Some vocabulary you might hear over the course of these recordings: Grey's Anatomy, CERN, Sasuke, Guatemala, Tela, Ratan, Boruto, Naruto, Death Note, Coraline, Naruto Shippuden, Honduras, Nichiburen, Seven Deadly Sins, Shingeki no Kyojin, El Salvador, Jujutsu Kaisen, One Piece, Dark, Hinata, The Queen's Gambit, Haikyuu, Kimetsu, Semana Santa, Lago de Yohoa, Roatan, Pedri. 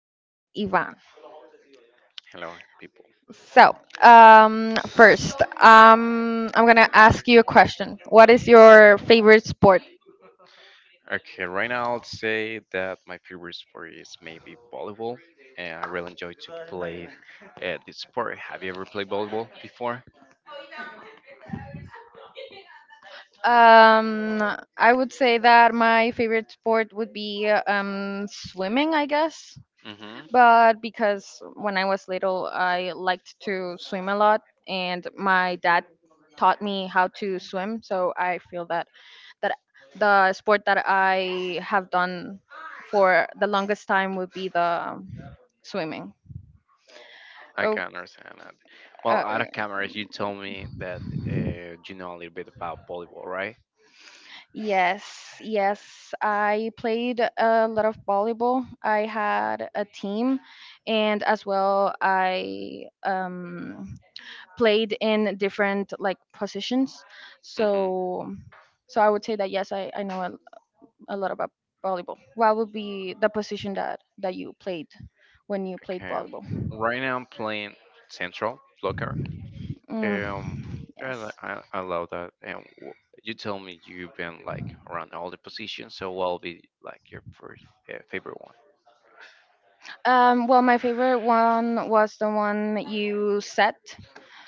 with Ivan. Hello, people. So, First, I'm gonna ask you a question. What is your favorite sport? Okay, right now I'll say that my favorite sport is maybe volleyball, and I really enjoy to play this sport. Have you ever played volleyball before? Um, I would say that my favorite sport would be swimming, I guess. Mm-hmm. But because when I was little, I liked to swim a lot, and my dad taught me how to swim, so I feel that that the sport that I have done for the longest time would be the swimming. I Oh, can understand that. Well, uh, out of camera, you told me that you know a little bit about volleyball, right? yes, yes. I played a lot of volleyball. I had a team, and as well, I played in different like positions. Mm-hmm. So, so I would say that yes, I know a lot about volleyball. What would be the position that you played when you played Okay. volleyball? Right now I'm playing central blocker. Mm, Um, and yes. I love that. You tell me you've been like around all the positions, so what will be like your first favorite one? Well, my favorite one was the one you set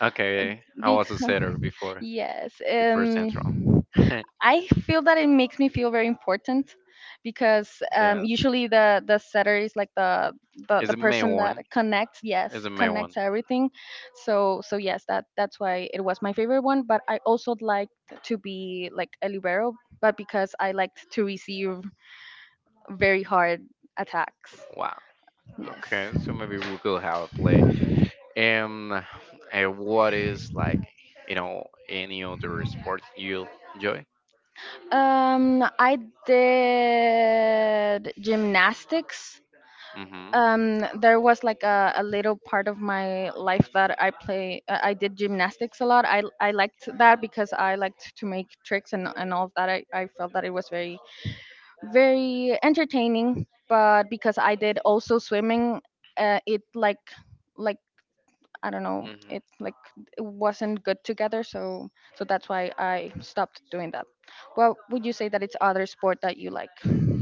Okay, I was a because setter before yes, central. Yes, I feel that it makes me feel very important because it's usually the setter is like the the main person that one. connects, yes, It's the main one. connects everything. So so yes, that that's why it was my favorite one. But I also liked to be like a libero, but because I liked to receive very hard attacks. Wow. Yes. Okay, so maybe we could have a play. Um, And what is like you know any other sport you enjoy? I did gymnastics. Mm-hmm. There was like a little part of my life that I play. I did gymnastics a lot. I liked that because I liked to make tricks and all of that. I felt that it was very very entertaining. But because I did also swimming, it like I don't know, Mhm. It wasn't good together, so so that's why I stopped doing that. Well, would you say that it's other sport that you like?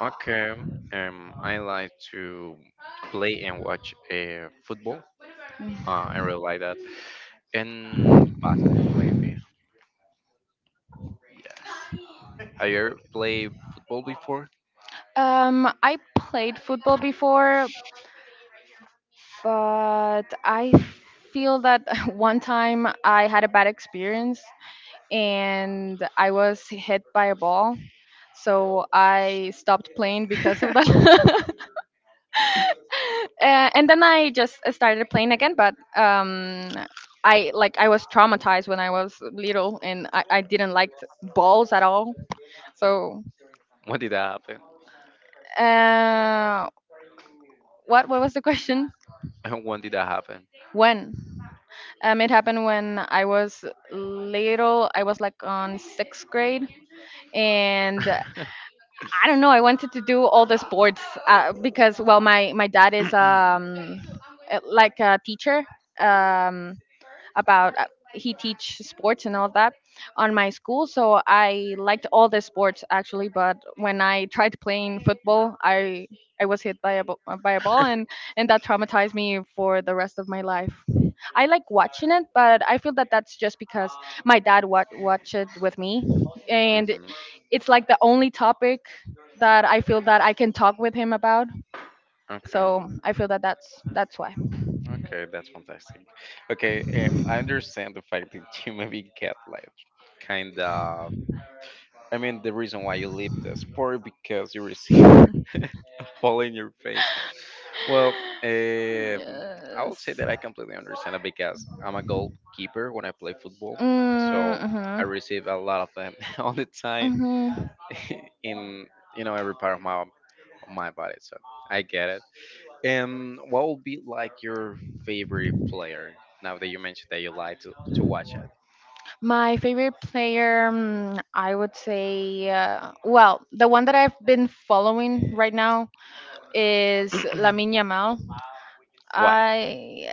Okay. I like to play and watch football. I Mm. really like that. And basketball, maybe. Yeah. Have you ever played football before? I played football before, but I feel that one time I had a bad experience and I was hit by a ball. So I stopped playing because of that. And then I just started playing again. But I like I was traumatized when I was little, and I didn't like balls at all. So When did that happen? uh, what was the question? When did that happen? When It happened when I was little, I was like on sixth grade, and I don't know. I wanted to do all the sports because well, my dad is like a teacher. Um, about He teach sports and all of that on my school. So I liked all the sports actually, but when I tried playing football, I was hit by by a ball, and that traumatized me for the rest of my life. I like watching it, but I feel that that's just because my watched it with me, and Mhm. it's like the only topic that I feel that I can talk with him about. Okay. So I feel that that's why. Okay, that's fantastic. Okay, I understand the fact that you maybe get like kind of. I mean, the reason why you leave the sport because you receive ball in your face. Well, um, I would say Yes. that I completely understand it because I'm a goalkeeper when I play football, Mm, so I mhm. receive a lot of them all the time Mhm. in you know every part of my body. So I get it. And what would be like your favorite player now that you mentioned that you like to watch it? My favorite player, mm, I would say, well, the one that I've been following right now is Lamine Yamal. Why? I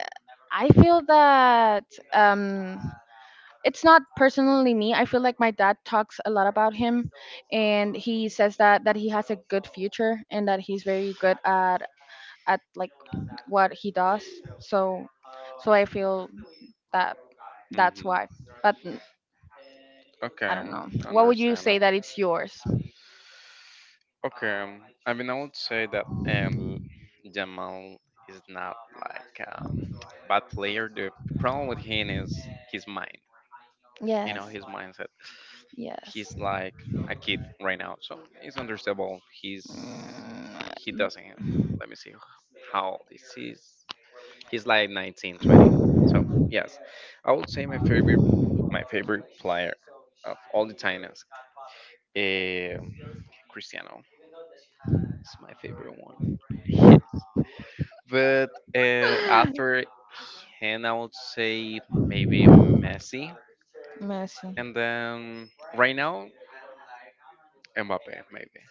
I feel that um, it's not personally me. I feel like my dad talks a lot about him, and he says that he has a good future and that he's very good at at like what he does. So, so I feel that that's Hmm. why. But mm, I don't Okay, know. What would you understand say it. that it's yours? Okay, I mean, I would say that Jamal is not like a bad player. The problem with him is his mind, you know, Yes. his mindset. Yes. He's like a kid right now, so it's understandable. He's he Mm. doesn't. Let me see how this is. He's like 19, 20. So yes, I would say my favorite player of all the time is. Eh, Cristiano is my favorite one. But after him, I would say maybe Messi. And then right now, Mbappe, maybe.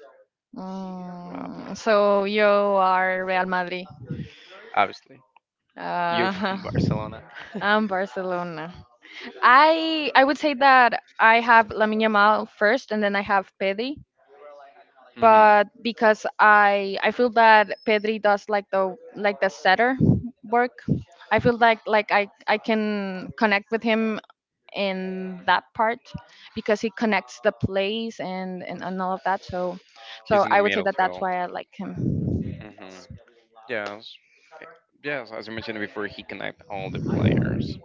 Mbappe, Mm, so you are Real Madrid. obviously. You're Uh, from Barcelona. I'm Barcelona. I would say that I have Lamine Yamal first, and then I have Pedri. Hmm. But because I feel that Pedri does like the setter work, I feel like I can connect with him in that part because he connects the plays and all of that. So, He's so in the I would say middle that that's field. why I like him. Hmm. Yes. Yes. Eh, Yes, as I mentioned before, he connect all the players,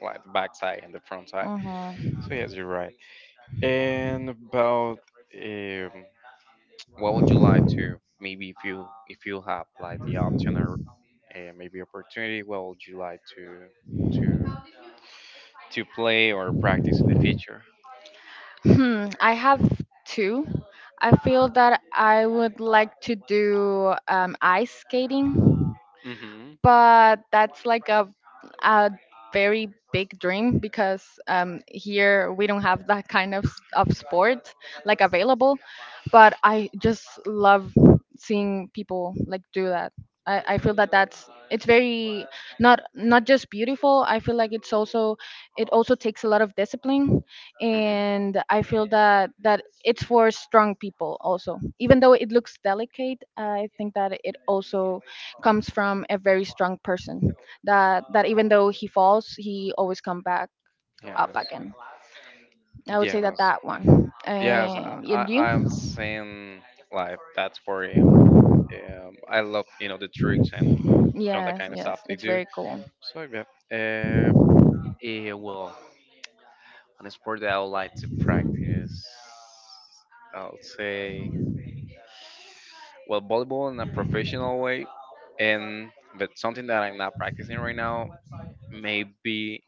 like the backside and the front side. Hmm. So yes, you're right. And about um, what would you like to maybe if you have like the option or maybe opportunity, what would you like to to to play or practice in the future? Hmm, I have two. I feel that I would like to do ice skating, Mm-hmm. but that's like a very big dream because here we don't have that kind of of sport like available. But I just love seeing people like do that. I feel that that's it's very not not just beautiful. I feel like it's also it also takes a lot of discipline, Mm-hmm. and I feel that it's for strong people also. Even though it looks delicate, I think that it also comes from a very strong person that even though he falls, he always come back up Yes. again. I would say that Yes. that one, Yes. And you? I am seeing live. That's for him. I love you know the tricks and you know that Yes, kind of yes, stuff they it's do. very cool. So yeah. Yeah. Well, on a sport that I would like to practice, I'll say well volleyball in a professional way, and but something that I'm not practicing right now maybe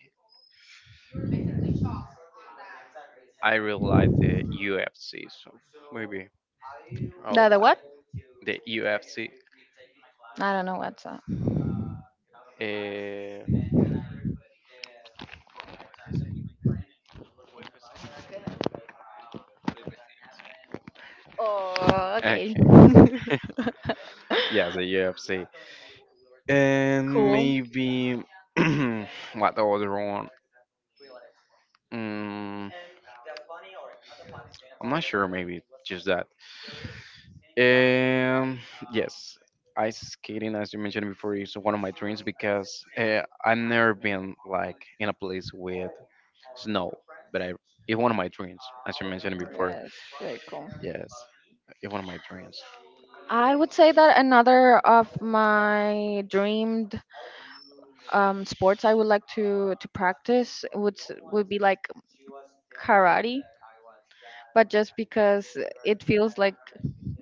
I really like the UFC, so maybe I'll The like what? the UFC. I don't know what's up. Uh, Oh, okay. okay, yeah, the UFC, and Cool. maybe what the other one? Mm, I'm not sure. Maybe just that. Um, yes, ice skating, as you mentioned before, is one of my dreams because I've never been like in a place with snow, but I it's one of my dreams, as you mentioned before. Yes, very cool. Yes, it's one of my dreams. I would say that another of my dreamed sports I would like to practice would would be like karate, but just because it feels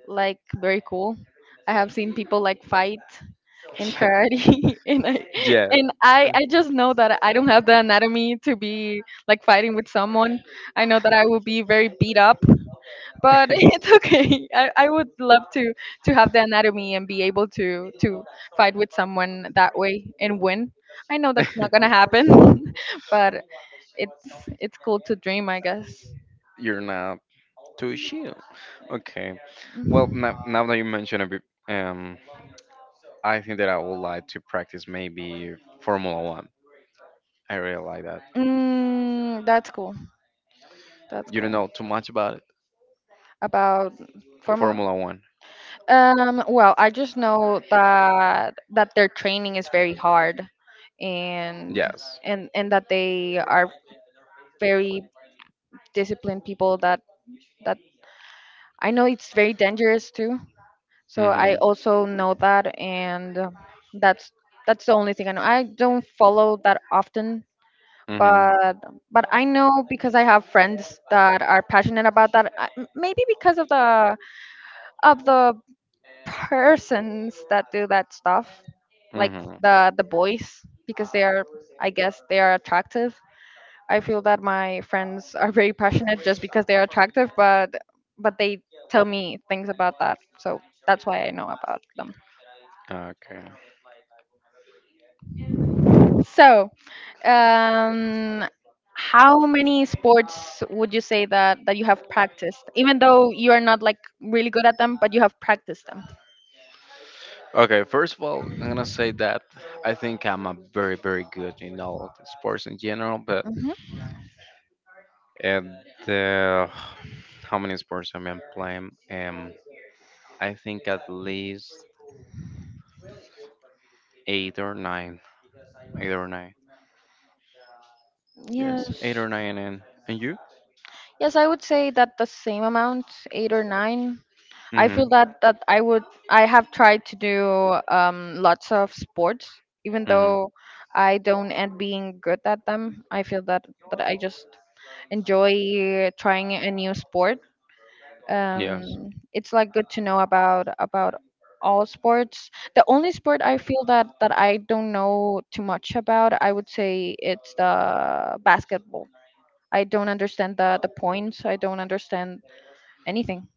like very cool. I have seen people like fight in karate, and I Yeah, and I just know that I don't have the anatomy to be like fighting with someone. I know that I will be very beat up, but it's okay. I would love to have the anatomy and be able to fight with someone that way and win. I know that's yeah. not gonna happen, but it's cool to dream, I guess. You're not too chill. Okay. Well, now that you mention it, um, I think that I would like to practice maybe Formula One. I really like that. Mm, that's cool. That's You don't cool. know too much about it. About Formula. Formula One. Well, I just know that that their training is very hard and Yes. And that they are very disciplined people that that I know it's very dangerous too. So I Mhm. also know that, and that's that's the only thing I know. I don't follow that often, Mhm. but but I know because I have friends that are passionate about that. Maybe because of the persons that do that stuff, like Mhm. The boys, because they are, I guess, they are attractive. I feel that my friends are very passionate just because they are attractive, but they tell me things about that, so that's why I know about them. Okay. So um how many sports would you say that you have practiced even though you are not like really good at them, but you have practiced them? Okay, first of all, I'm gonna say that I think I'm a very, very good in all the sports in general, but Hmm. and uh, how many sports am I playing? I think at least eight or nine, eight or nine. Yes, eight Yes, or nine, and you? yes, I would say that the same amount, eight or nine. I Mm-hmm. feel that I would I have tried to do lots of sports. Even Mm-hmm. though I don't end being good at them, I feel that I just enjoy trying a new sport. Yes. It's like good to know about all sports. The only sport I feel that I don't know too much about, I would say it's the basketball. I don't understand the points. I don't understand anything.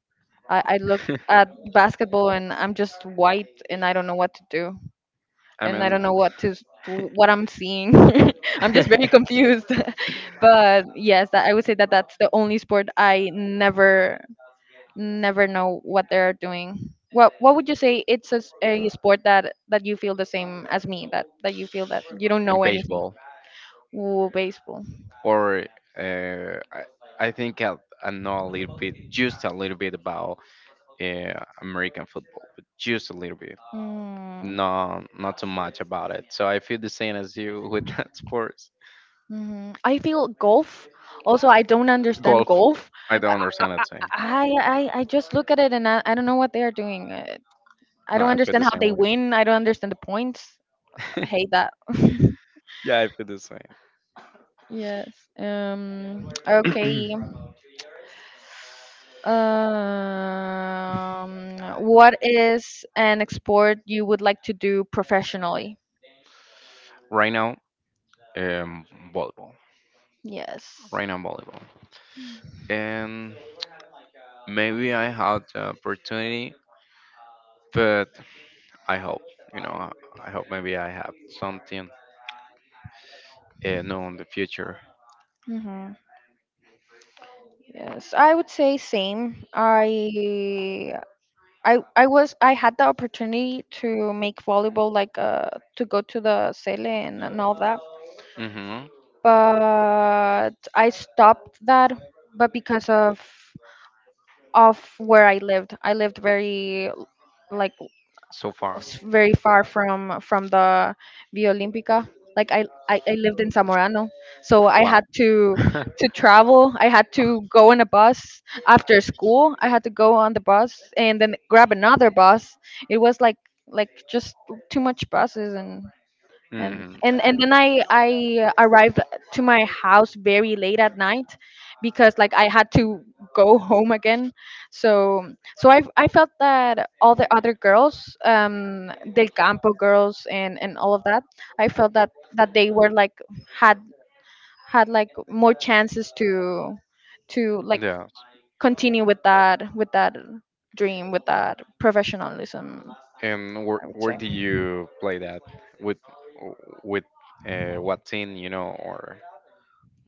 I look at basketball and I'm just white and I don't know what to do, I and I mean, don't know what to what I'm seeing. I'm just very confused. But yes, that, I would say that that's the only sport I never never know what they're doing. What would you say it's a sport that you feel the same as me, that you feel that you don't and know anything? baseball Ooh, baseball. or uh, I, I think I know a little bit, just a little bit about American football, but just a little bit. Mm, No, not too much about it, so I feel the same as you with that sports. mhm. I feel golf. Also, I don't understand Golf. golf. I don't understand I that thing. I just look at it and I don't know what they are doing. I No, don't I feel understand the how same they way. win. I don't understand the points. I hate that. Yeah, I feel the same. Yes. Okay. What is an export you would like to do professionally? Right now um, volleyball, Yes. right now volleyball. And maybe I had the opportunity, but I hope, you know, I hope maybe I have something know in the future. Mm-hmm. Yes, I would say same. I had the opportunity to make volleyball like to go to the Sele and all that, Hmm. but I stopped that. But because of where I lived very like So far, very far from the Via Olímpica. Like I lived in Zamorano, so I wow. had to travel. I had to go on a bus after school. I had to go on the bus and then grab another bus. It was like just too much buses, and Hmm. Then I arrived to my house very late at night because like I had to go home again. So so I felt that all the other girls, Del Campo girls and all of that, I felt that that they were like had had like more chances to to like Yeah. continue with that, with that dream, with that professionalism. And I would where say. do you play that? With with what team, you know, or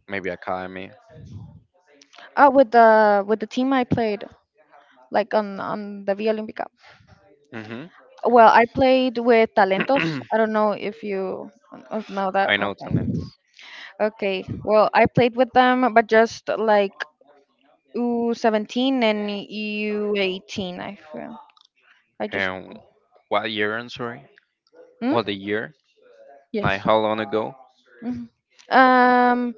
maybe academy? Oh, with the team I played, like on the violin pickup. Mm-hmm. Well, I played with Talentos. I don't know if you know that. I know Okay. talents. Okay. Well, I played with them, but just like U17 and U18. I feel. I just. And what year? I'm sorry. Hmm? What the year? Like Yes. how long ago? Hmm. Um,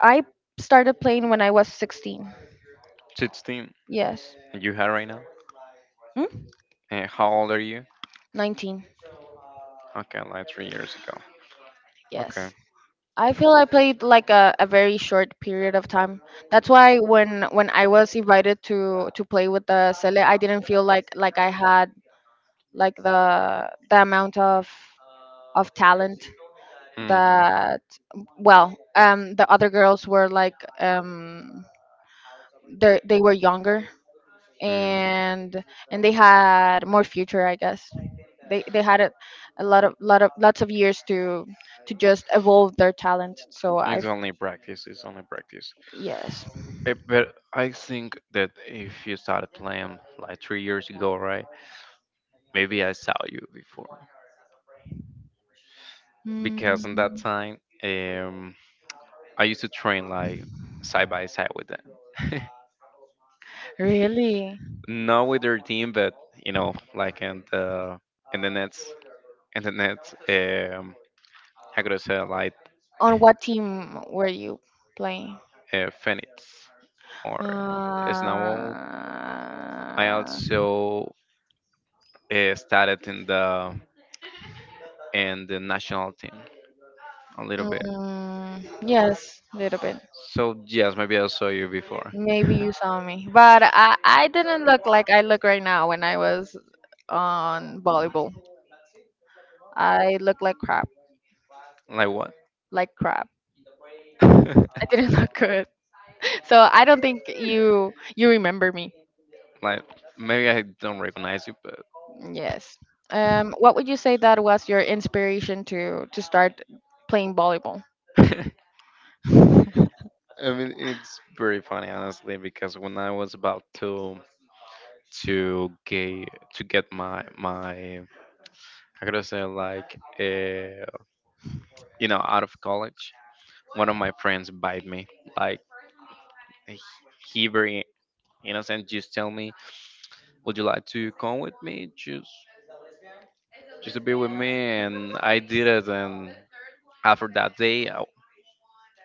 I started playing when I was 16. 16. Yes. And you had right now? Hmm? And how old are you? 19. Okay, like 3 years ago. Okay. Yes. I feel I played like a very short period of time. That's why when I was invited to play with the Sele, I didn't feel like I had like the amount of talent Hmm. that the other girls were like they were younger Hmm. and and they had more future, I guess. They had a lots of years to just evolve their talent. So It's I only practice. It's only practice. yes. But I think that if you started playing like 3 years ago, right? Maybe I saw you before Mm, because in that time, um, I used to train like side by side with them. really? Not with their team, but you know, like in the Nets, in the Nets, how could I say, it, like On what team were you playing? Phoenix or Uh, Snowball. I also started in the national team a little bit. mm, yes, a little bit. So yes, maybe I saw you before. Maybe you saw me, but I didn't look like I look right now when I was on volleyball. I look like crap, Like what? like crap. I didn't look good, so I don't think you remember me. Like maybe I don't recognize you, but Yes. What would you say that was your inspiration to start playing volleyball? I Mm, mean it's very funny honestly because when I was about to get my how could I gotta say like you know out of college, one of my friends bite me like he he very innocent just tell me would you like to come with me just to be with me, and I did it. And after that day, I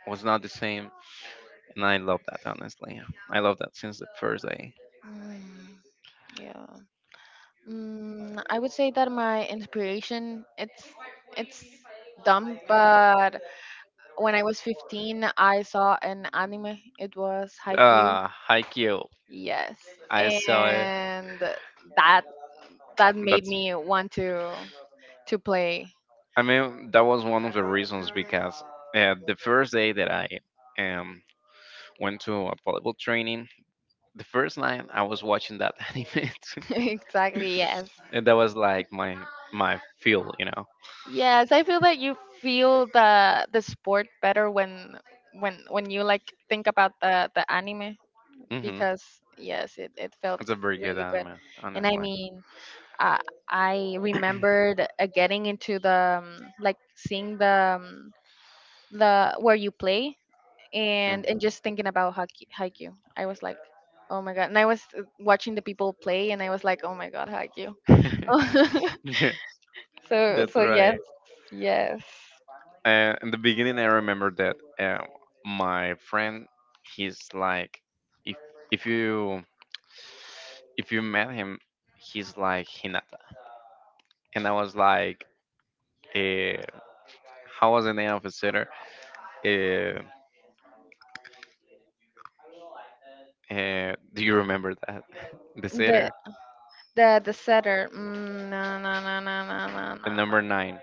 was not the same. And I love that, honestly. I love that since the first day. yeah. Mm, I would say that my inspiration it's dumb, but when I was 15, I saw an anime. It was Haikyuu. Ah, Haikyuu. Yes. I saw it. And that that made That's, me want to play. I mean, that was one of the reasons because the first day that I um, went to a volleyball training, the first night I was watching that anime, too, Exactly, yes. and that was like my feel, you know. Yes, I feel that you feel the sport better when when you like think about the anime Hmm. because yes, it felt It's a very good really good. anime, And I honestly. mean, uh, I remembered getting into the like seeing the where you play Hmm. and just thinking about Haikyuu. Haikyuu. I was like, "Oh my God." And I was watching the people play and I was like, "Oh my God, Haikyuu." Yeah, So that's so yes, right. yes. In the beginning, I remember that my friend, he's like, if if you if you met him, he's like Hinata, and I was like, uh, how was the name of his sitter? Uh, do you remember that the The sitter? the setter. Mm, no no no no no no The no number no. nine.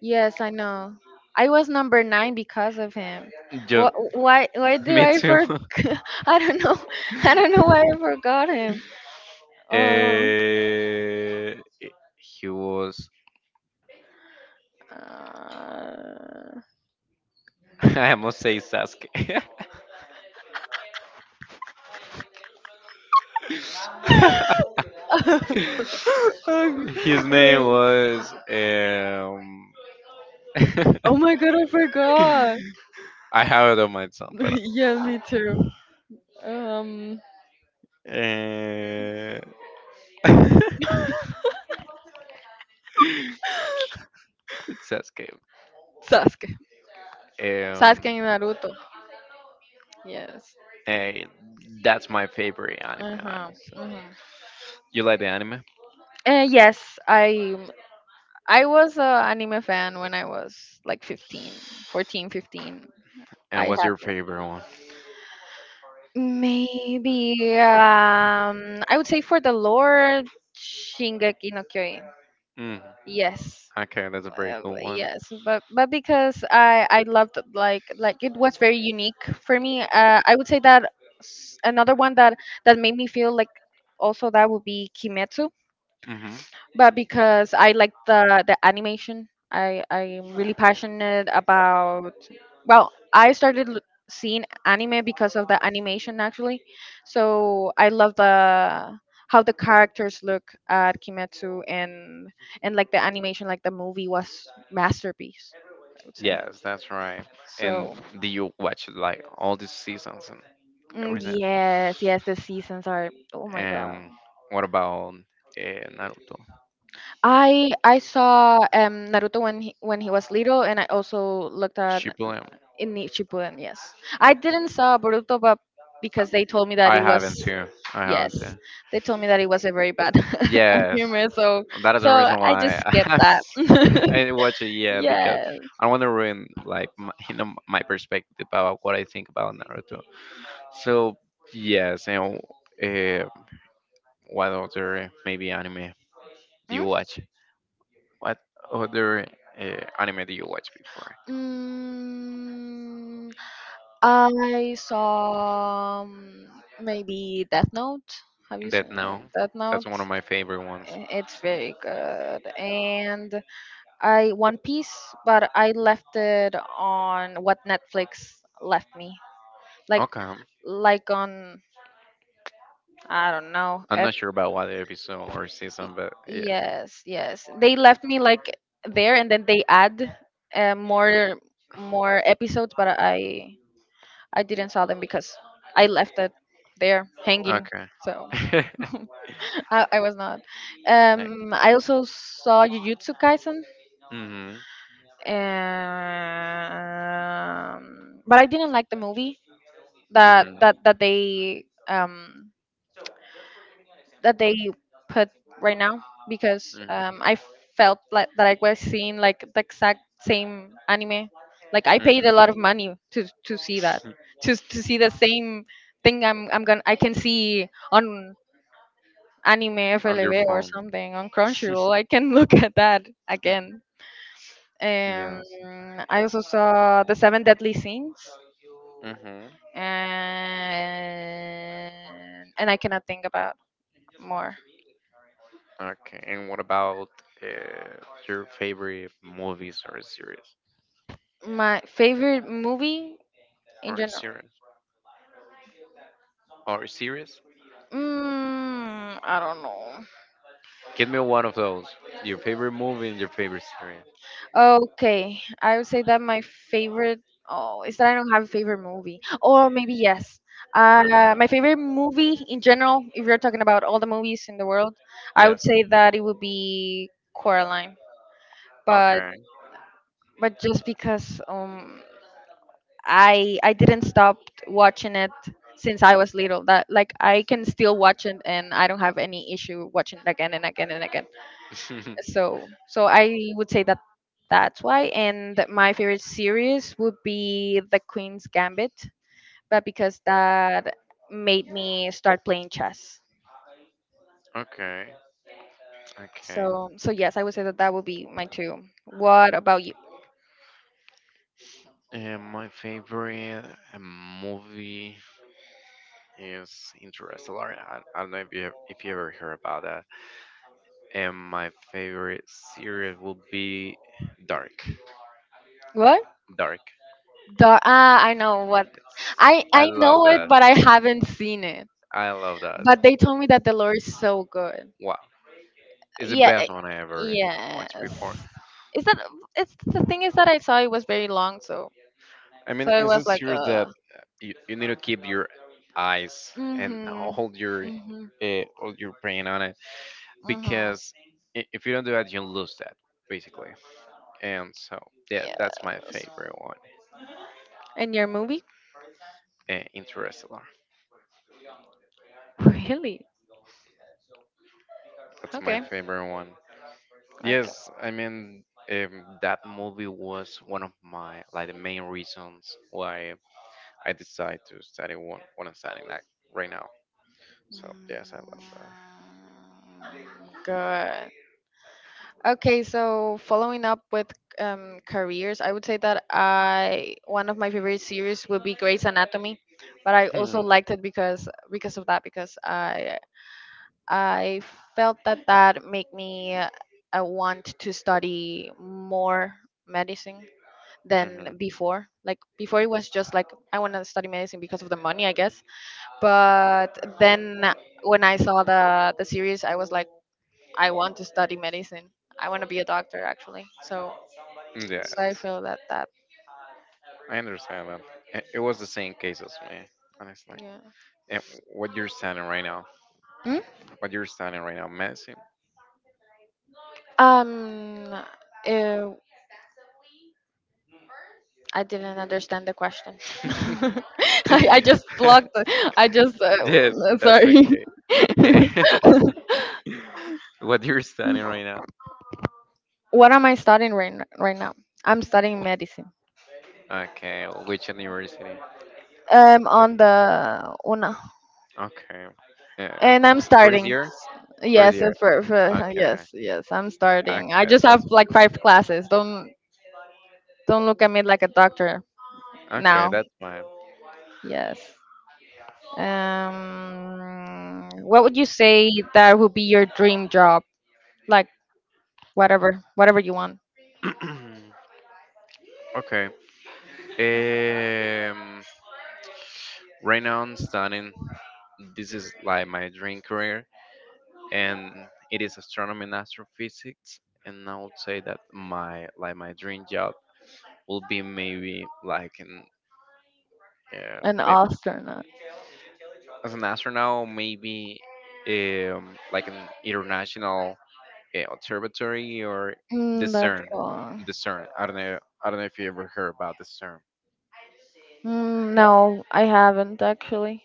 Yes, I know. I was number nine because of him. Just Why do me I too. for I don't know, I don't know why I forgot him. Oh. Eh, he was. Uh, I almost say Sasuke. oh, His name wait. was. Oh my I have it on my thumb, but. god. Um, Uh, Sasuke. Sasuke. Sasuke Um, and Naruto. Yes. eh, that's my favorite anime, Uh huh. honestly. Uh huh. You like the anime? Yes, I was a anime fan when I was like 15, 14, 15. And I what's had your like favorite one? maybe I would say for the lore Shingeki no Kyojin. Mm, Yes. okay, that's a very good one. Yes, but because I loved like it was very unique for me. I would say that another one that made me feel like also that would be Kimetsu Hmm. but because I like the animation, I I'm really passionate about. Well, I started seeing anime because of the animation actually, so I love the how the characters look at Kimetsu and like the animation, like the movie was masterpiece, I would say. Yes, that's right. And So do you watch like all the seasons and mm, everything? yes, yes, the seasons are. Oh my god. And what about Naruto? I saw Naruto when he was little, and I also looked at Shippuden? in Nichiburen, yes. I didn't saw Boruto, but because they told me that I it was haven't too. I yes, haven't too. they told me that it was a very bad Yes. humor, so That is so the reason I just why skipped I that. didn't watch it. Yeah, because yes. I want to ruin like my, you know my perspective about what I think about Naruto. So yes, and uh, what other maybe anime do Hmm? you watch? What other anime do you watch before? Mm, I saw maybe Death Note. Have you That seen now, Death that's Note? one of my favorite ones. It's very good. And I One Piece, but I left it on what Netflix left me. Like Okay, like on I don't know. I'm not sure about what episode or season, but yeah. Yes, yes. They left me like there, and then they add more more episodes, but I didn't saw them because I left it there hanging. Okay. So I was not. Like, I also saw Jujutsu Kaisen, mm-hmm. But I didn't like the movie Mm-hmm. that Mm-hmm. that that they that they put right now. Because Mm-hmm. I felt like that I was seeing like the exact same anime. Like I paid a lot of money to see that, to see the same thing I can see on anime On your FLV or phone. something on Crunchyroll. I can look at that again. Yes. Um, I also saw the Seven Deadly Sins, Mm-hmm. And I cannot think about more. Okay, and what about uh, your favorite movies or series? My favorite movie in Or general. series? Or series? Mm, I don't know. Give me one of those. Your favorite movie and your favorite series. Okay, I would say that my favorite. Oh, is that I don't have a favorite movie, or maybe yes. Uh, Uh huh. my favorite movie in general, if you're talking about all the movies in the world, I would Yes. say that it would be Coraline. But Okay. but just because I didn't stop watching it since I was little. That like I can still watch it, and I don't have any issue watching it again and again and again. So so I would say that that's why. And my favorite series would be The Queen's Gambit, but because that made me start playing chess. Okay. Okay. So so yes, I would say that that would be my two. What about you? My favorite movie is Interstellar. I don't know if you ever heard about that. And my favorite series will be Dark. What Dark. the ah I know what. It's i I i love know it that. but I haven't seen it I love that. but they told me that the lore is so good, Wow, it's the yeah best one I ever watched before. yes. Is that it's the thing is that I saw it was very long, so I mean, so it is was it like sure that you need to keep your eyes and Mhm. Mhm. Hold your brain on it Mhm. because if you don't do that, you lose that basically. And so yeah, that's my Yes. favorite one. And your movie? Interstellar. Really? That's my Okay. favorite one. Okay. Yes, I mean that movie was one of my like the main reasons why I decided to study what I'm studying like right now. Mm, So yes, I love good. Okay, so following up with careers, I would say that I one of my favorite series would be Grey's Anatomy, but I that. also Hmm. liked it because of that because I felt that that made me want to study more medicine than Mhm. before. Like before, it was just like I want to study medicine because of the money, I guess. But then when I saw the series, I was like, I want to study medicine. I want to be a doctor, actually. So, so I Yes, feel that that I understand that. It was the same case as me, honestly. yeah. And what you're standing right now, Hmm? what you're standing right now, Messi. Um, uh, I didn't understand the question. I just blocked. I just Yes, that's sorry. okay. Eh, what you're studying right now? What am I studying right right now? I'm studying medicine. Okay, which university? On the una, Okay. Yeah. and I'm First starting. year? First Yes, year. For Okay. yes, yes, I'm starting. I Okay, just have that's like five classes. Don't look at me like a doctor okay, now. that's fine. Yes. What would you say that would be your dream job? Like whatever, whatever you want. Okay. Um right now I'm studying, this is like my dream career, and it is astronomy and astrophysics. And I would say that my dream job will be maybe like in, Uh, An maybe astronaut. as an astronaut, maybe like an international observatory or the Mm, that's CERN. cool. The CERN. I don't know. I don't know if you ever heard about the CERN. Mm, no, I haven't actually.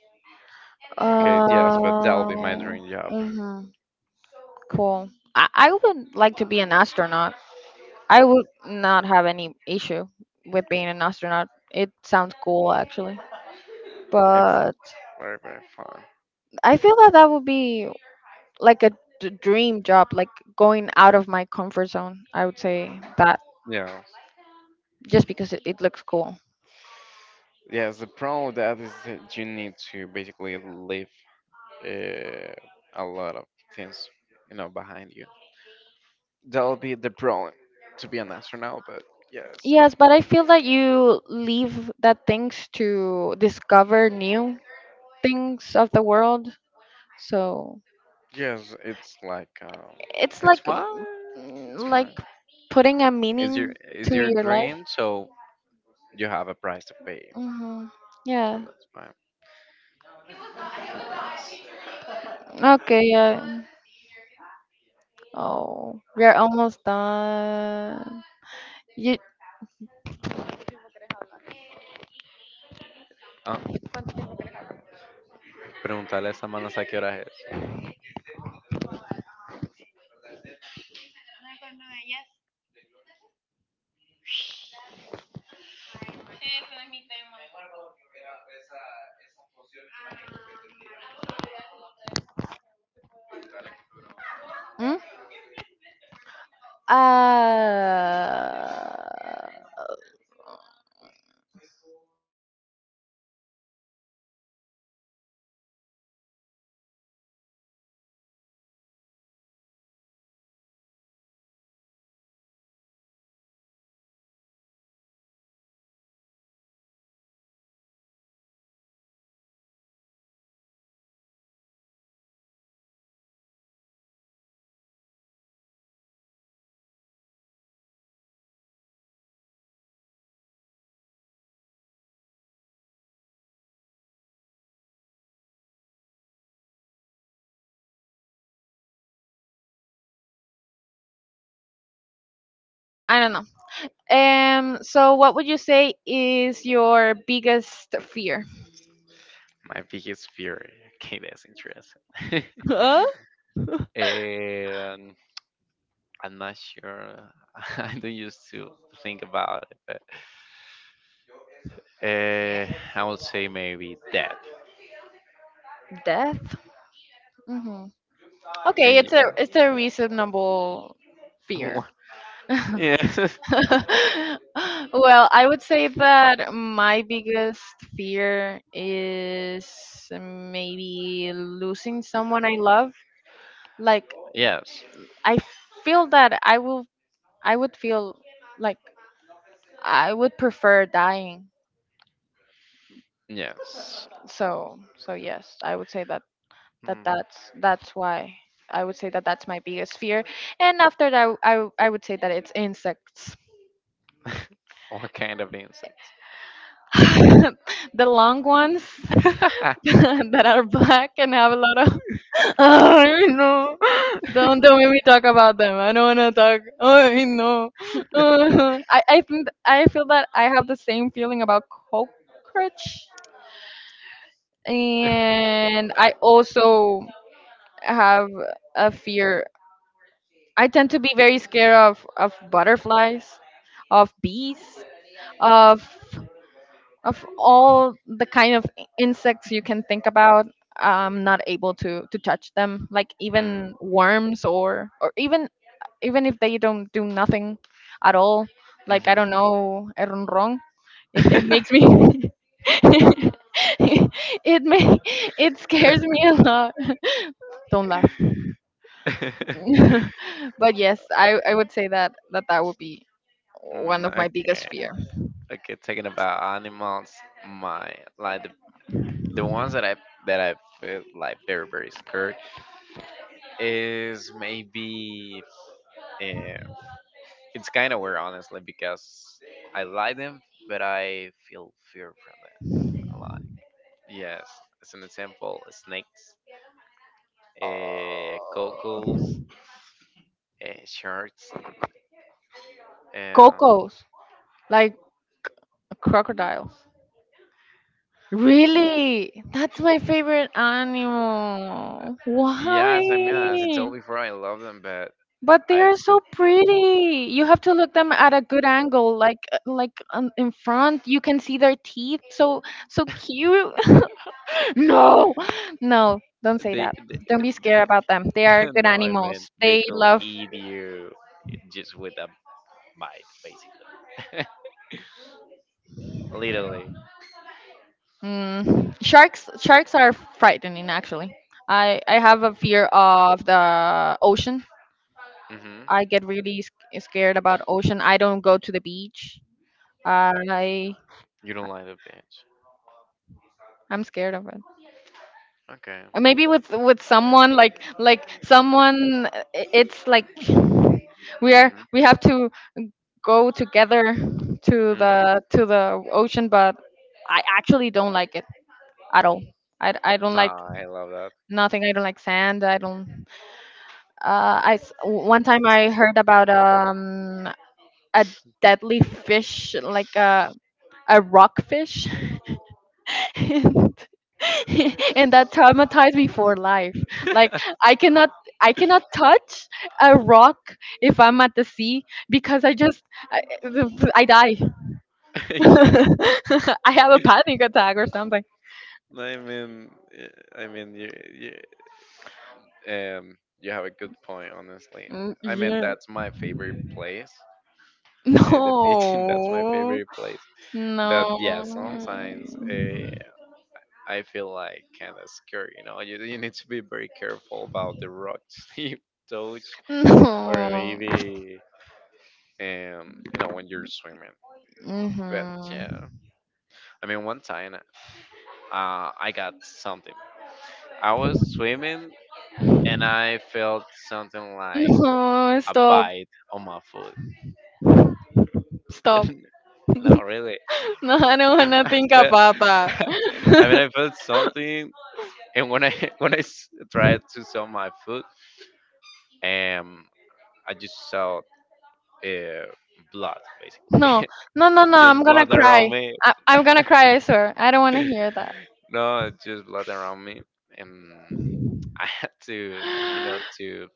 Okay, yes, but that'll be my Uh, dream job. mhm, cool. I would like to be an astronaut. I would not have any issue with being an astronaut. It sounds cool, actually. But Very, very fun. I feel that that would be like a dream job, like going out of my comfort zone. I would say that Yeah. just because it looks cool. Yes, the problem with that is that you need to basically leave uh, a lot of things, you know, behind you. That'll be the problem to be an astronaut, but yes, Yes, but I feel that you leave that things to discover new things of the world. So yes, it's like it's it's like fine, mm, it's mm, fine. like putting a It's your meaning is to your your life. dream, so you have a price to pay, Mm-hmm. so Yeah. that's fine. Okay. Yeah. Oh, we are almost done. You. Ah, preguntarle a esta manas a qué hora es. Mm? Uh. I don't know. So, what would you say is your biggest fear? My biggest fear. Okay, that's interesting. And. I'm not sure. I don't used to think about it, but uh, I would say maybe that. Death. Mm-hmm. And Okay. Yeah, It's a reasonable fear. What? Yeah, Well, I would say that my biggest fear is maybe losing someone I love. Like yes, I feel that I will I would feel like I would prefer dying. yes. So, so yes, I would say that that Mm. That's why I would say that that's my biggest fear. And after that, I would say that it's insects. What kind of insects? The long ones. that are black and have a lot of I know. Don't make me talk about them. I don't wanna talk. I know. I think I feel that I have the same feeling about cockroach, and I also have a fear. I tend to be very scared of butterflies, of bees, of of all the kind of insects you can think about. I'm not able to touch them, like Mm-hmm. even worms or even even if they don't do nothing at all. Like I don't know, wrong, it makes me it may it scares me a lot. Don't laugh. Mm-hmm. But yes, I would say that that that would be Mm, one of my okay. biggest fear. Okay, talking about animals, my like the, the ones that I feel like very, very scared is maybe, uh, it's kind of weird honestly because I like them but I feel fear from them. Like yes, as an example, snakes, Oh. cocos, sharks, and Cocos like crocodiles. Really? That's my favorite animal. yes, I mean as I Why? told before, I love them, but But they I are so feel. pretty. You have to look them at a good angle, like in front. You can see their teeth. So so cute. no, no, don't say They, that. they, Don't be they, scared about them. They are they good no, I animals. mean they They could love eat you just with a bite, basically. Literally. mm, sharks. Sharks are frightening, actually. I have a fear of the ocean. Hmm. I get really scared about ocean. I don't go to the beach. I You don't like the bitch. I'm scared of it. Okay. Maybe with someone like someone. Uh, it's like we are Hmm. we have to go together Hmm. To the ocean. But I actually don't like it at all. I don't like Nah, I love that. nothing. I don't like sand. I don't. One time I heard about a deadly fish, like a rockfish and and that traumatized me for life, like I cannot I cannot touch a rock if I'm at the sea because I just i, I die. Yes. I have a panic attack or something. I mean, eh, I mean, you, you have a good point, honestly. Mm, I mean, yeah. that's my favorite place. Okay, the beach, that's my No, favorite place. But yeah, no, sometimes I feel like kind of scared, you know. You need to be very careful about the rocks you touch, or no. maybe, you know, when you're swimming. But yeah, Hmm. I mean, one time I got something. I was swimming and I felt something like No, a stop. bite on my foot. Stop. No, really. No, I don't want to I think felt, about I mean, that. I felt something and when I when I s- tried to sell my food, um, I just saw uh, blood No, basically, no, no, no. I'm just gonna blood around cry. me. I'm gonna cry, I swear. I don't want to hear that. No, just blood around me, and I had to, you know,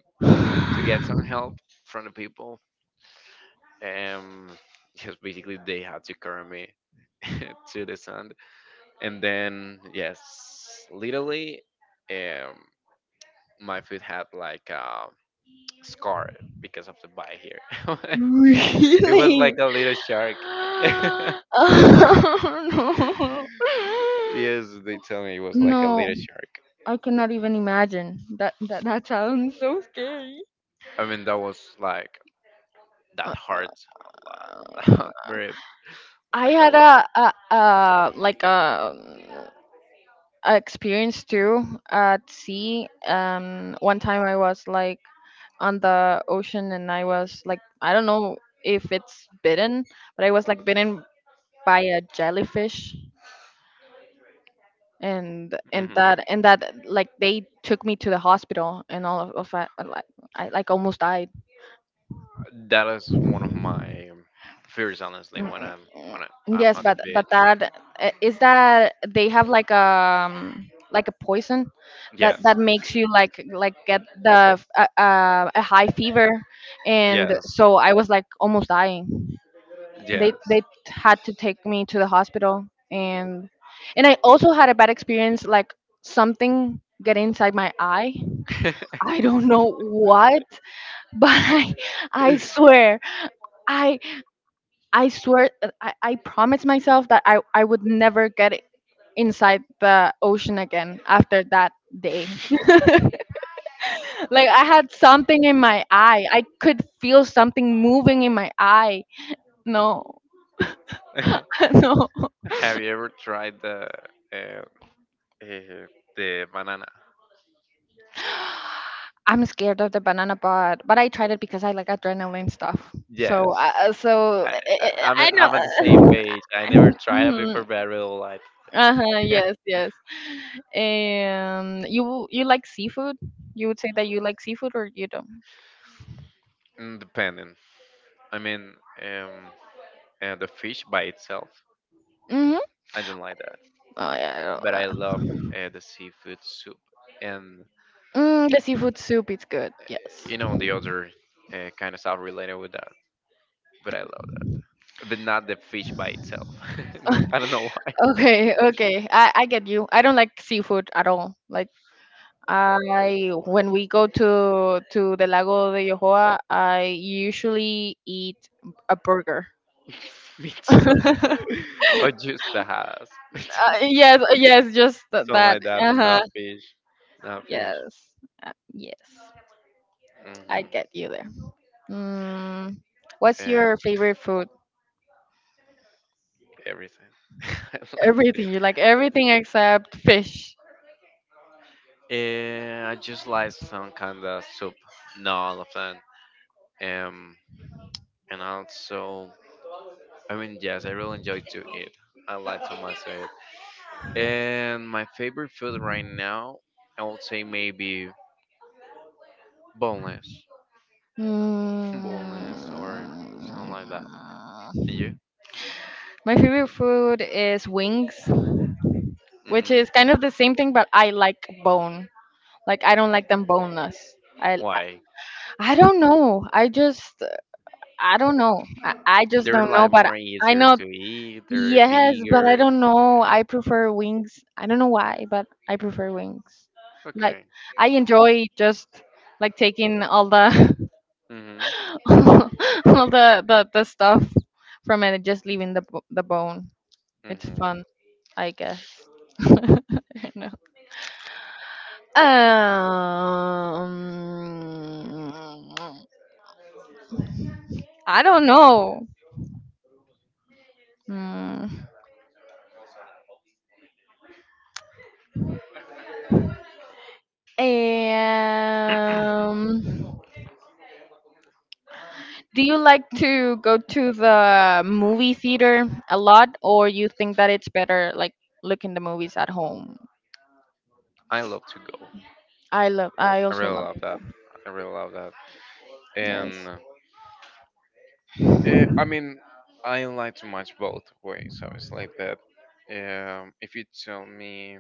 to get some help from the people. Um, just basically they had to carry me to the sand, and then yes, literally, um, my food had like a. Scar because of the bite here. It was like Really? a little shark. Yes, Oh, no. they tell me it was like a No, little shark. I cannot even imagine. That that sounds so scary. I mean, that was like that Uh, hurts a uh, lot, very I like a had lot. A like a experience too, at sea. One time I was like on the ocean, and I was like, I don't know if it's bitten, but I was like bitten by a jellyfish, and Hmm. that and that, like, they took me to the hospital, and all of I, like, I like almost died. That is one of my fears, honestly, Mm, when mm, I'm mm. when I, I'm Yes, at the but beach. That is that they have like a poison that Yes, makes you like get a high fever, and yes, so I was like almost dying. They yes. they had to take me to the hospital, and and I also had a bad experience, like, something get inside my eye. I don't know what. But I swear, I I swear, I promised myself that I would never get inside the ocean again after that day. Like I had something in my eye. I could feel something moving in my eye. No. No. Have you ever tried uh, uh, the banana? I'm scared of the banana pod, but I tried it because I like adrenaline stuff. So, Yes, so I I'm at the same know. page. I never tried it before, but I really like Uh-huh, it. yes, yes. And you like seafood? You would say that you like seafood, or you don't? Mm, depending. I mean, um, the fish by itself, Mm-hmm. I don't like that. Oh yeah. But I don't. I love the seafood soup and Mm, the seafood soup is good, yes. you know the other kind of stuff related with that. But I love that, but not the fish by itself. No, I don't know why. Okay, okay. I get you. I don't like seafood at all. Like, I when we go to the Lago de Yohoa, I usually eat a burger. Me too. uh, Or just the house. Just yes, yes, just something that. like that, but Uh-huh. not fish. Not fish. Yes. Yes. Hmm. I get you there. Mm, what's your And favorite food? everything. I like. Everything. You like everything except fish. And I just like some kind of soup, not all of them. Um, and also, I mean, yes, I really enjoy to eat. I like so much to eat. And my favorite food right now, I would say maybe boneless, boneless or Mm, something like that. And you? my favorite food is wings, which Hmm. is kind of the same thing, but I like bone. Like, I don't like them boneless. I Why? I don't know. I just I don't know. I just They're don't know. like But more I easier know. to eat. They're Yes, but I bigger. don't know, I prefer wings. I don't know why, but I prefer wings. Like, Okay. I enjoy just like taking all the Hmm. all the stuff from it and just leaving the bone. It's Hmm. fun, I guess. I don't know. Um, I don't know. Mm. Um, do you like to go to the movie theater a lot, or you think that it's better like looking the movies at home? I love to go. I love. I I also really love. love that. I really love that. Yes. And I mean, I like to match both ways. So it's like that. If you tell me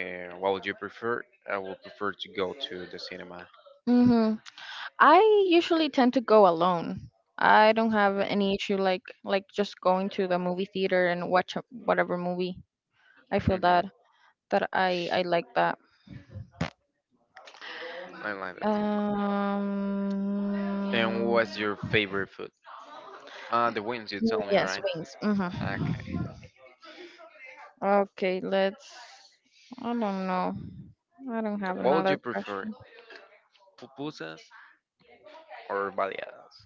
what would you prefer, I will prefer to go to the cinema. Mm-hmm. I usually tend to go alone. I don't have Mm-hmm. any issue, like just going to the movie theater and watch whatever movie. I feel Mm-hmm. that I like that. I like that, so. Um. And what's your favorite food? The wings, you tell me, Yes, right? wings. Okay. Mm-hmm. Okay, let's. I don't know. I don't have What would you another prefer, question. pupusas or baleadas?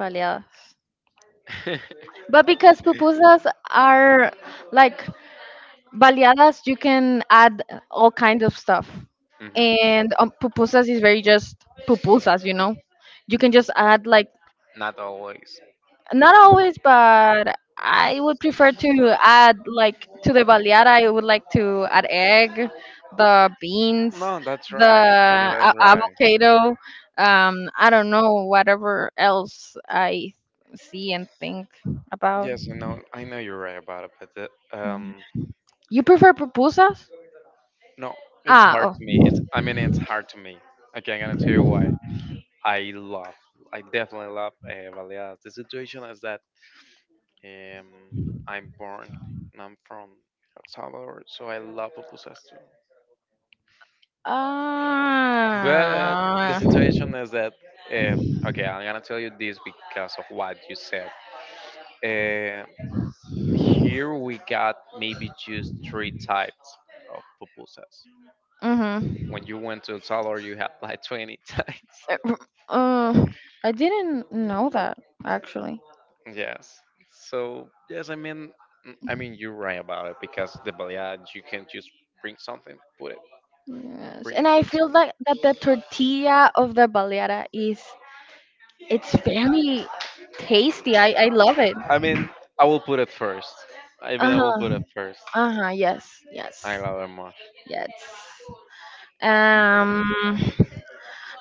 Baleadas. But because pupusas are like baleadas, you can add all kinds of stuff. Hmm. And pupusas is very just pupusas, you know? You can just add like. Not always. Not always, but I would prefer to add, like, to the baleada. I would like to add egg, the beans, No, that's right. I mean, that's right. avocado. I don't know, whatever else I see and think about. Yes, I know. I know you're right about it, but the, You prefer pupusas? no, it's Ah, hard oh. to me. It's. I mean, it's hard to me. Okay, I'm gonna tell you why. I love. I definitely love Baleadas. The situation is that um, I'm born and I'm from El Salvador, so I love pupusas too. But the Ah. situation is that. Uh, okay, I'm gonna tell you this because of what you said. Uh. Here we got maybe just three types of pupusas. Mhm. When you went to El Salvador, you had like 20 types. Uh, uh, I didn't know that actually. Yes. So yes, I mean, mm, I mean you're right about it because the baleada you can just bring something, put it, Yes, bring and and I put feel something. like that the tortilla of the baleada is it's very tasty. I love it. I mean, I will put it first. I mean, Uh I will huh. put it first. Uh huh. Yes. I Yes. love it much. Yes. Mhm. Um.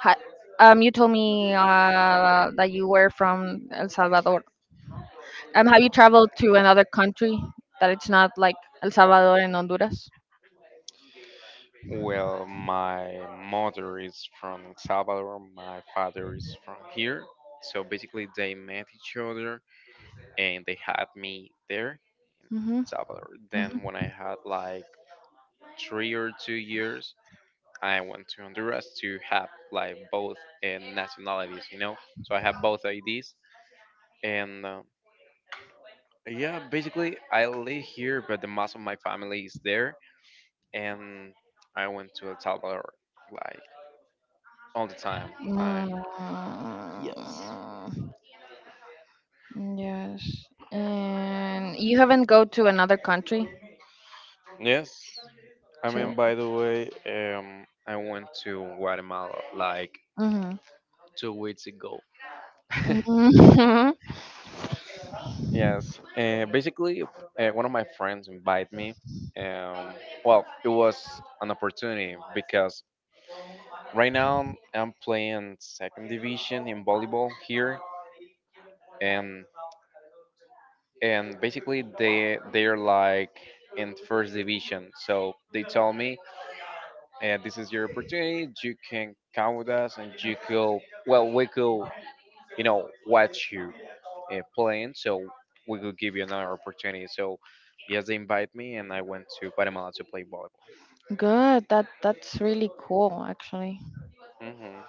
Hi, um, you told me that you were from El Salvador. Um, have you traveled to another country that it's not like El Salvador and Honduras? Well, my mother is from El Salvador, my father is from here. So basically, they met each other and they had me there in El Mm-hmm. Salvador. Then, when I Mm-hmm. had like 3 or 2 years, I went to Honduras to have like both nationalities, you know? So I have both IDs. And yeah, basically, I live here, but the most of my family is there. And I went to El Salvador like all the time. I. Yes. Mm. Yes. And you haven't go to another country Yes. I too. mean, by the way, I went to Guatemala like Mhm. 2 weeks ago. Mhm. Yes, basically, one of my friends invited me. Um, well, it was an opportunity because right now I'm playing second division in volleyball here, and and basically they they're like in first division. So they told me and this is your opportunity. You can count with us, and you could, well, we could, you know, watch you playing, so we could give you another opportunity. So yes, they invite me, and I went to Guatemala to play volleyball. Good. That's really cool, actually. Hmm.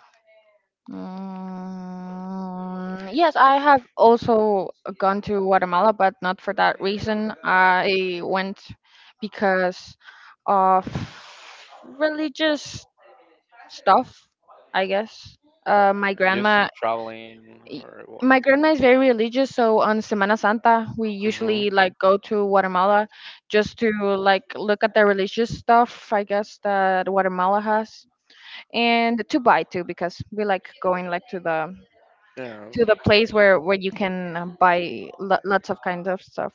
Mm, yes, I have also gone to Guatemala, but not for that reason. I went because of religious stuff, I guess. My Just grandma traveling y- or what? my grandma is very religious, so on Semana Santa we Hmm. usually like go to Guatemala just to, like, look at the religious stuff, I guess, that Guatemala has, and to buy too, because we like going, like, Yes. to the place where you can buy lots of kind of stuff.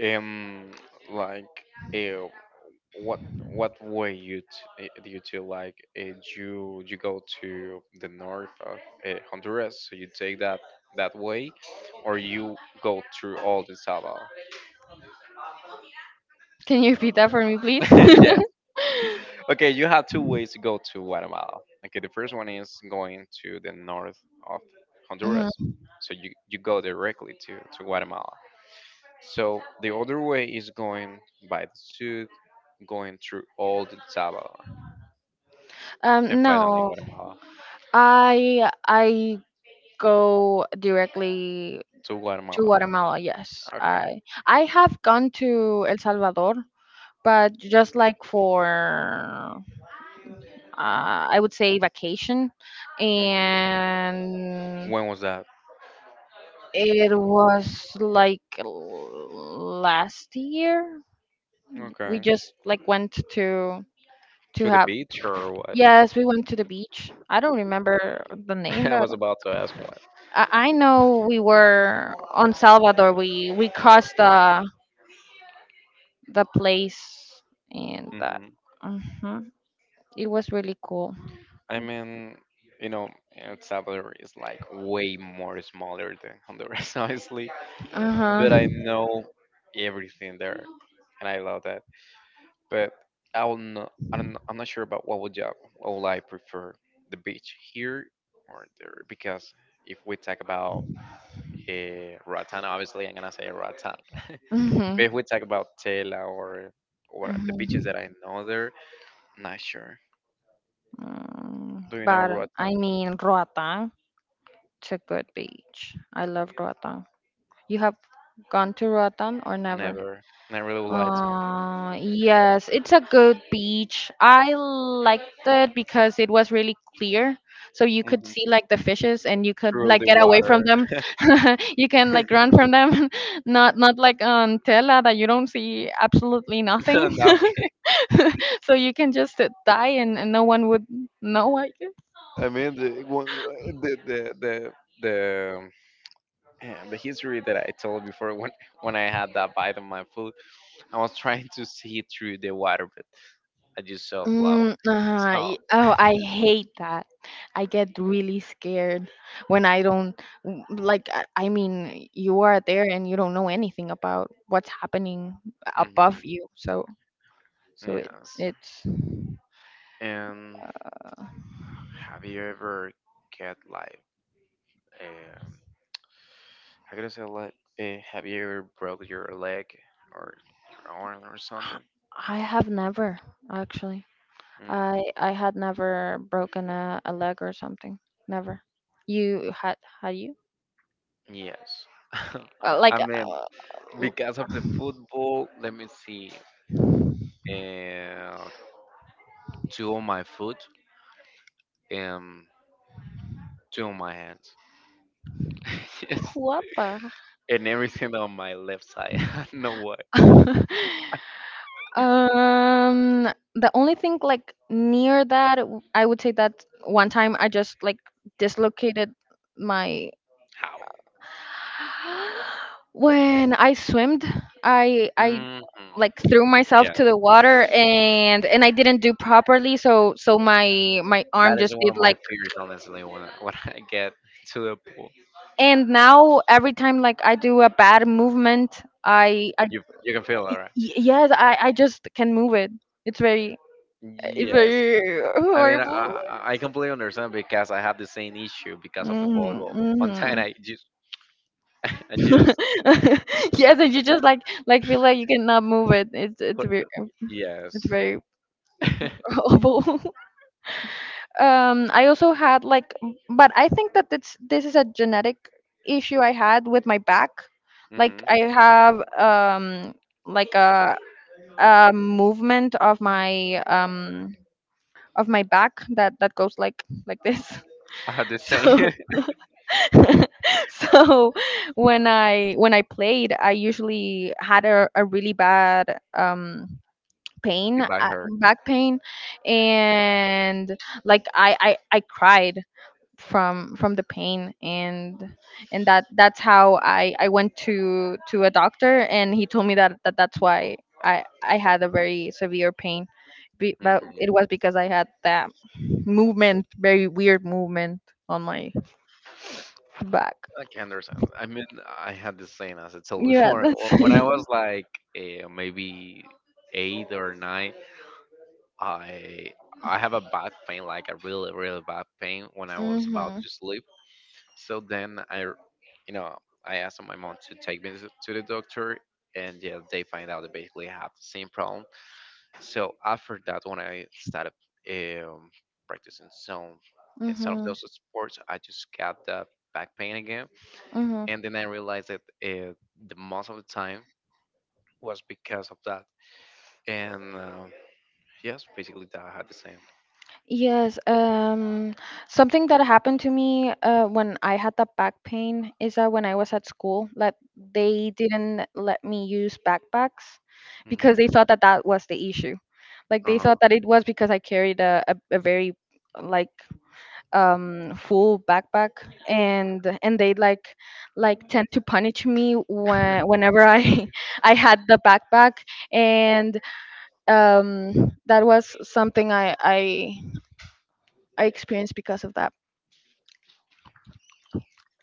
Um, like, uh, what what way do you to like? You you go to the north of Honduras, so you take that that way, or you go through all the Salvador? Can you repeat that for me, please? Yes. Okay, you have two ways to go to Guatemala. Okay, the first one is going to the north of Honduras, Mhm. so you go directly to Guatemala. So the other way is going by the south, going through all the Salvador, and finally in No, Guatemala I go directly to to Guatemala. Guatemala, yes. Okay. I have gone to El Salvador, but just like for I would say vacation, Hmm. and When was that? it was like last year. We Okay. just, like, went to To the have. beach or what? Yes, we went to the beach. I don't remember the name, I but was about to ask what. I know we were on Salvador. We crossed the place and that. Hmm. Mhm. It was really cool. I mean, you know, El Salvador is like way more smaller than Honduras, honestly. Uh But I huh. know everything there, and I love that. But I'm not sure about what would you, what would I prefer, the beach here or there? Because if we talk about Ratan, obviously I'm gonna say Ratan. But Mhm. if we talk about Tela or the beaches Mhm. that I know there, not sure. Mm, Do you know but I Ratan? mean, Roatan. It's a good beach, I love Roatan. You have gone to Roatan or never? Never. And I really would like to. Yes, it's a good beach. I liked it because it was really clear. So you could Hmm. see, like, the fishes, and you could, Through like, the get away from water, them. You can, like, run from them. Not not like on Tela, that you don't see absolutely nothing. nothing. So you can just die, and no one would know, I guess. I mean, the, one- the the the the yeah, the history that I told before when I had that bite of my food, I was trying to see through the water, but I just saw blood. Mm, uh-huh. So, Oh, I hate that. I get really scared when I don't like I mean, you are there and you don't know anything about what's happening hmm, above you. So so it yes. it's. And have you ever get like, um, how can I say like, have you ever broke your leg or your arm or I something? I have never, actually. Mm, I had never broken a leg or something. Never. You had had you? yes. I Like mean, l- because of the football, let me see, uh, two on my foot and two on my hand. Yes. what the? And everything on my left side. I don't know what. Um, the only thing like near that, I would say, that one time I just like dislocated my How? when I swimmed, I Hmm. like threw myself Yeah, to the water, and I didn't do properly, so so my arm that is just one did of my like, fears, honestly. When I- when I get to the pool, and now every time, like, I do a bad movement, you can feel it, right? yes, I just can move it. It's very it's Yes. very I mean, horrible. I completely understand because I have the same issue because of the Mhm, volleyball. One mhm. time I just, I just, Yes, and you just like feel like you cannot move it. What, yes. It's very horrible. I also had like, but I think that it's this is a genetic issue I had with my back. Hmm. Like, I have like a movement of my back that goes like this. I had the same. So so when I when I played I usually had a really bad pain You back hurt. back pain, and like I cried from the pain, and that that's how I went to a doctor, and he told me that, that's why I had a very severe pain. Be, but Hmm. it was because I had that movement, very weird movement, on my back. I can understand. I mean, I had the same as I told Yeah, before. that's Wh- When I it. was like maybe eight or nine, I I have a back pain, like a really, really bad pain when I was about Mhm. to sleep. So then you know, I asked my mom to take me to the doctor, and yeah, they find out that basically I have the same problem. So after that, when I started um, practicing some some of Mhm. those sports, I just got that back pain again Mhm. and then I realized that the most of the time was because of that. And yes, basically that I had the same. Yes, something that happened to me when I had the back pain, is that when I was at school, like, they didn't let me use backpacks because Hmm. they thought that that was the issue. Like, they Uh-huh. thought that it was because I carried a very like full backpack, and they like tend to punish me when whenever I I had the backpack, and that was something I I experienced because of that,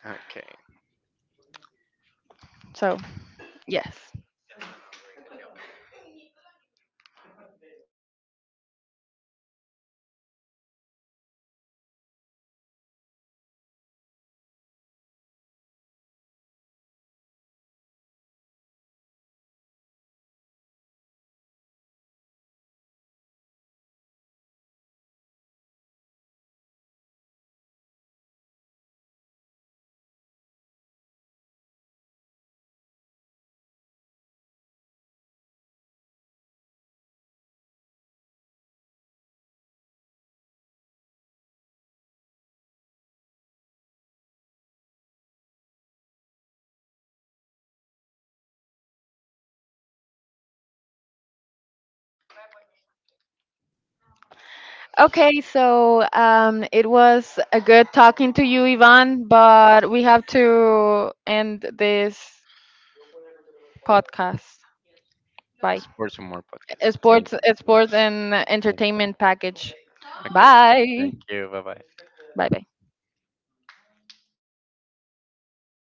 Okay. so yes. Okay, so it was a good talking to you, Ivan, but we have to end this podcast. Bye. Sports and more podcasts. Thank Sports, you. sports, and entertainment package. Okay. Bye. Thank you. Bye bye. Bye. Bye.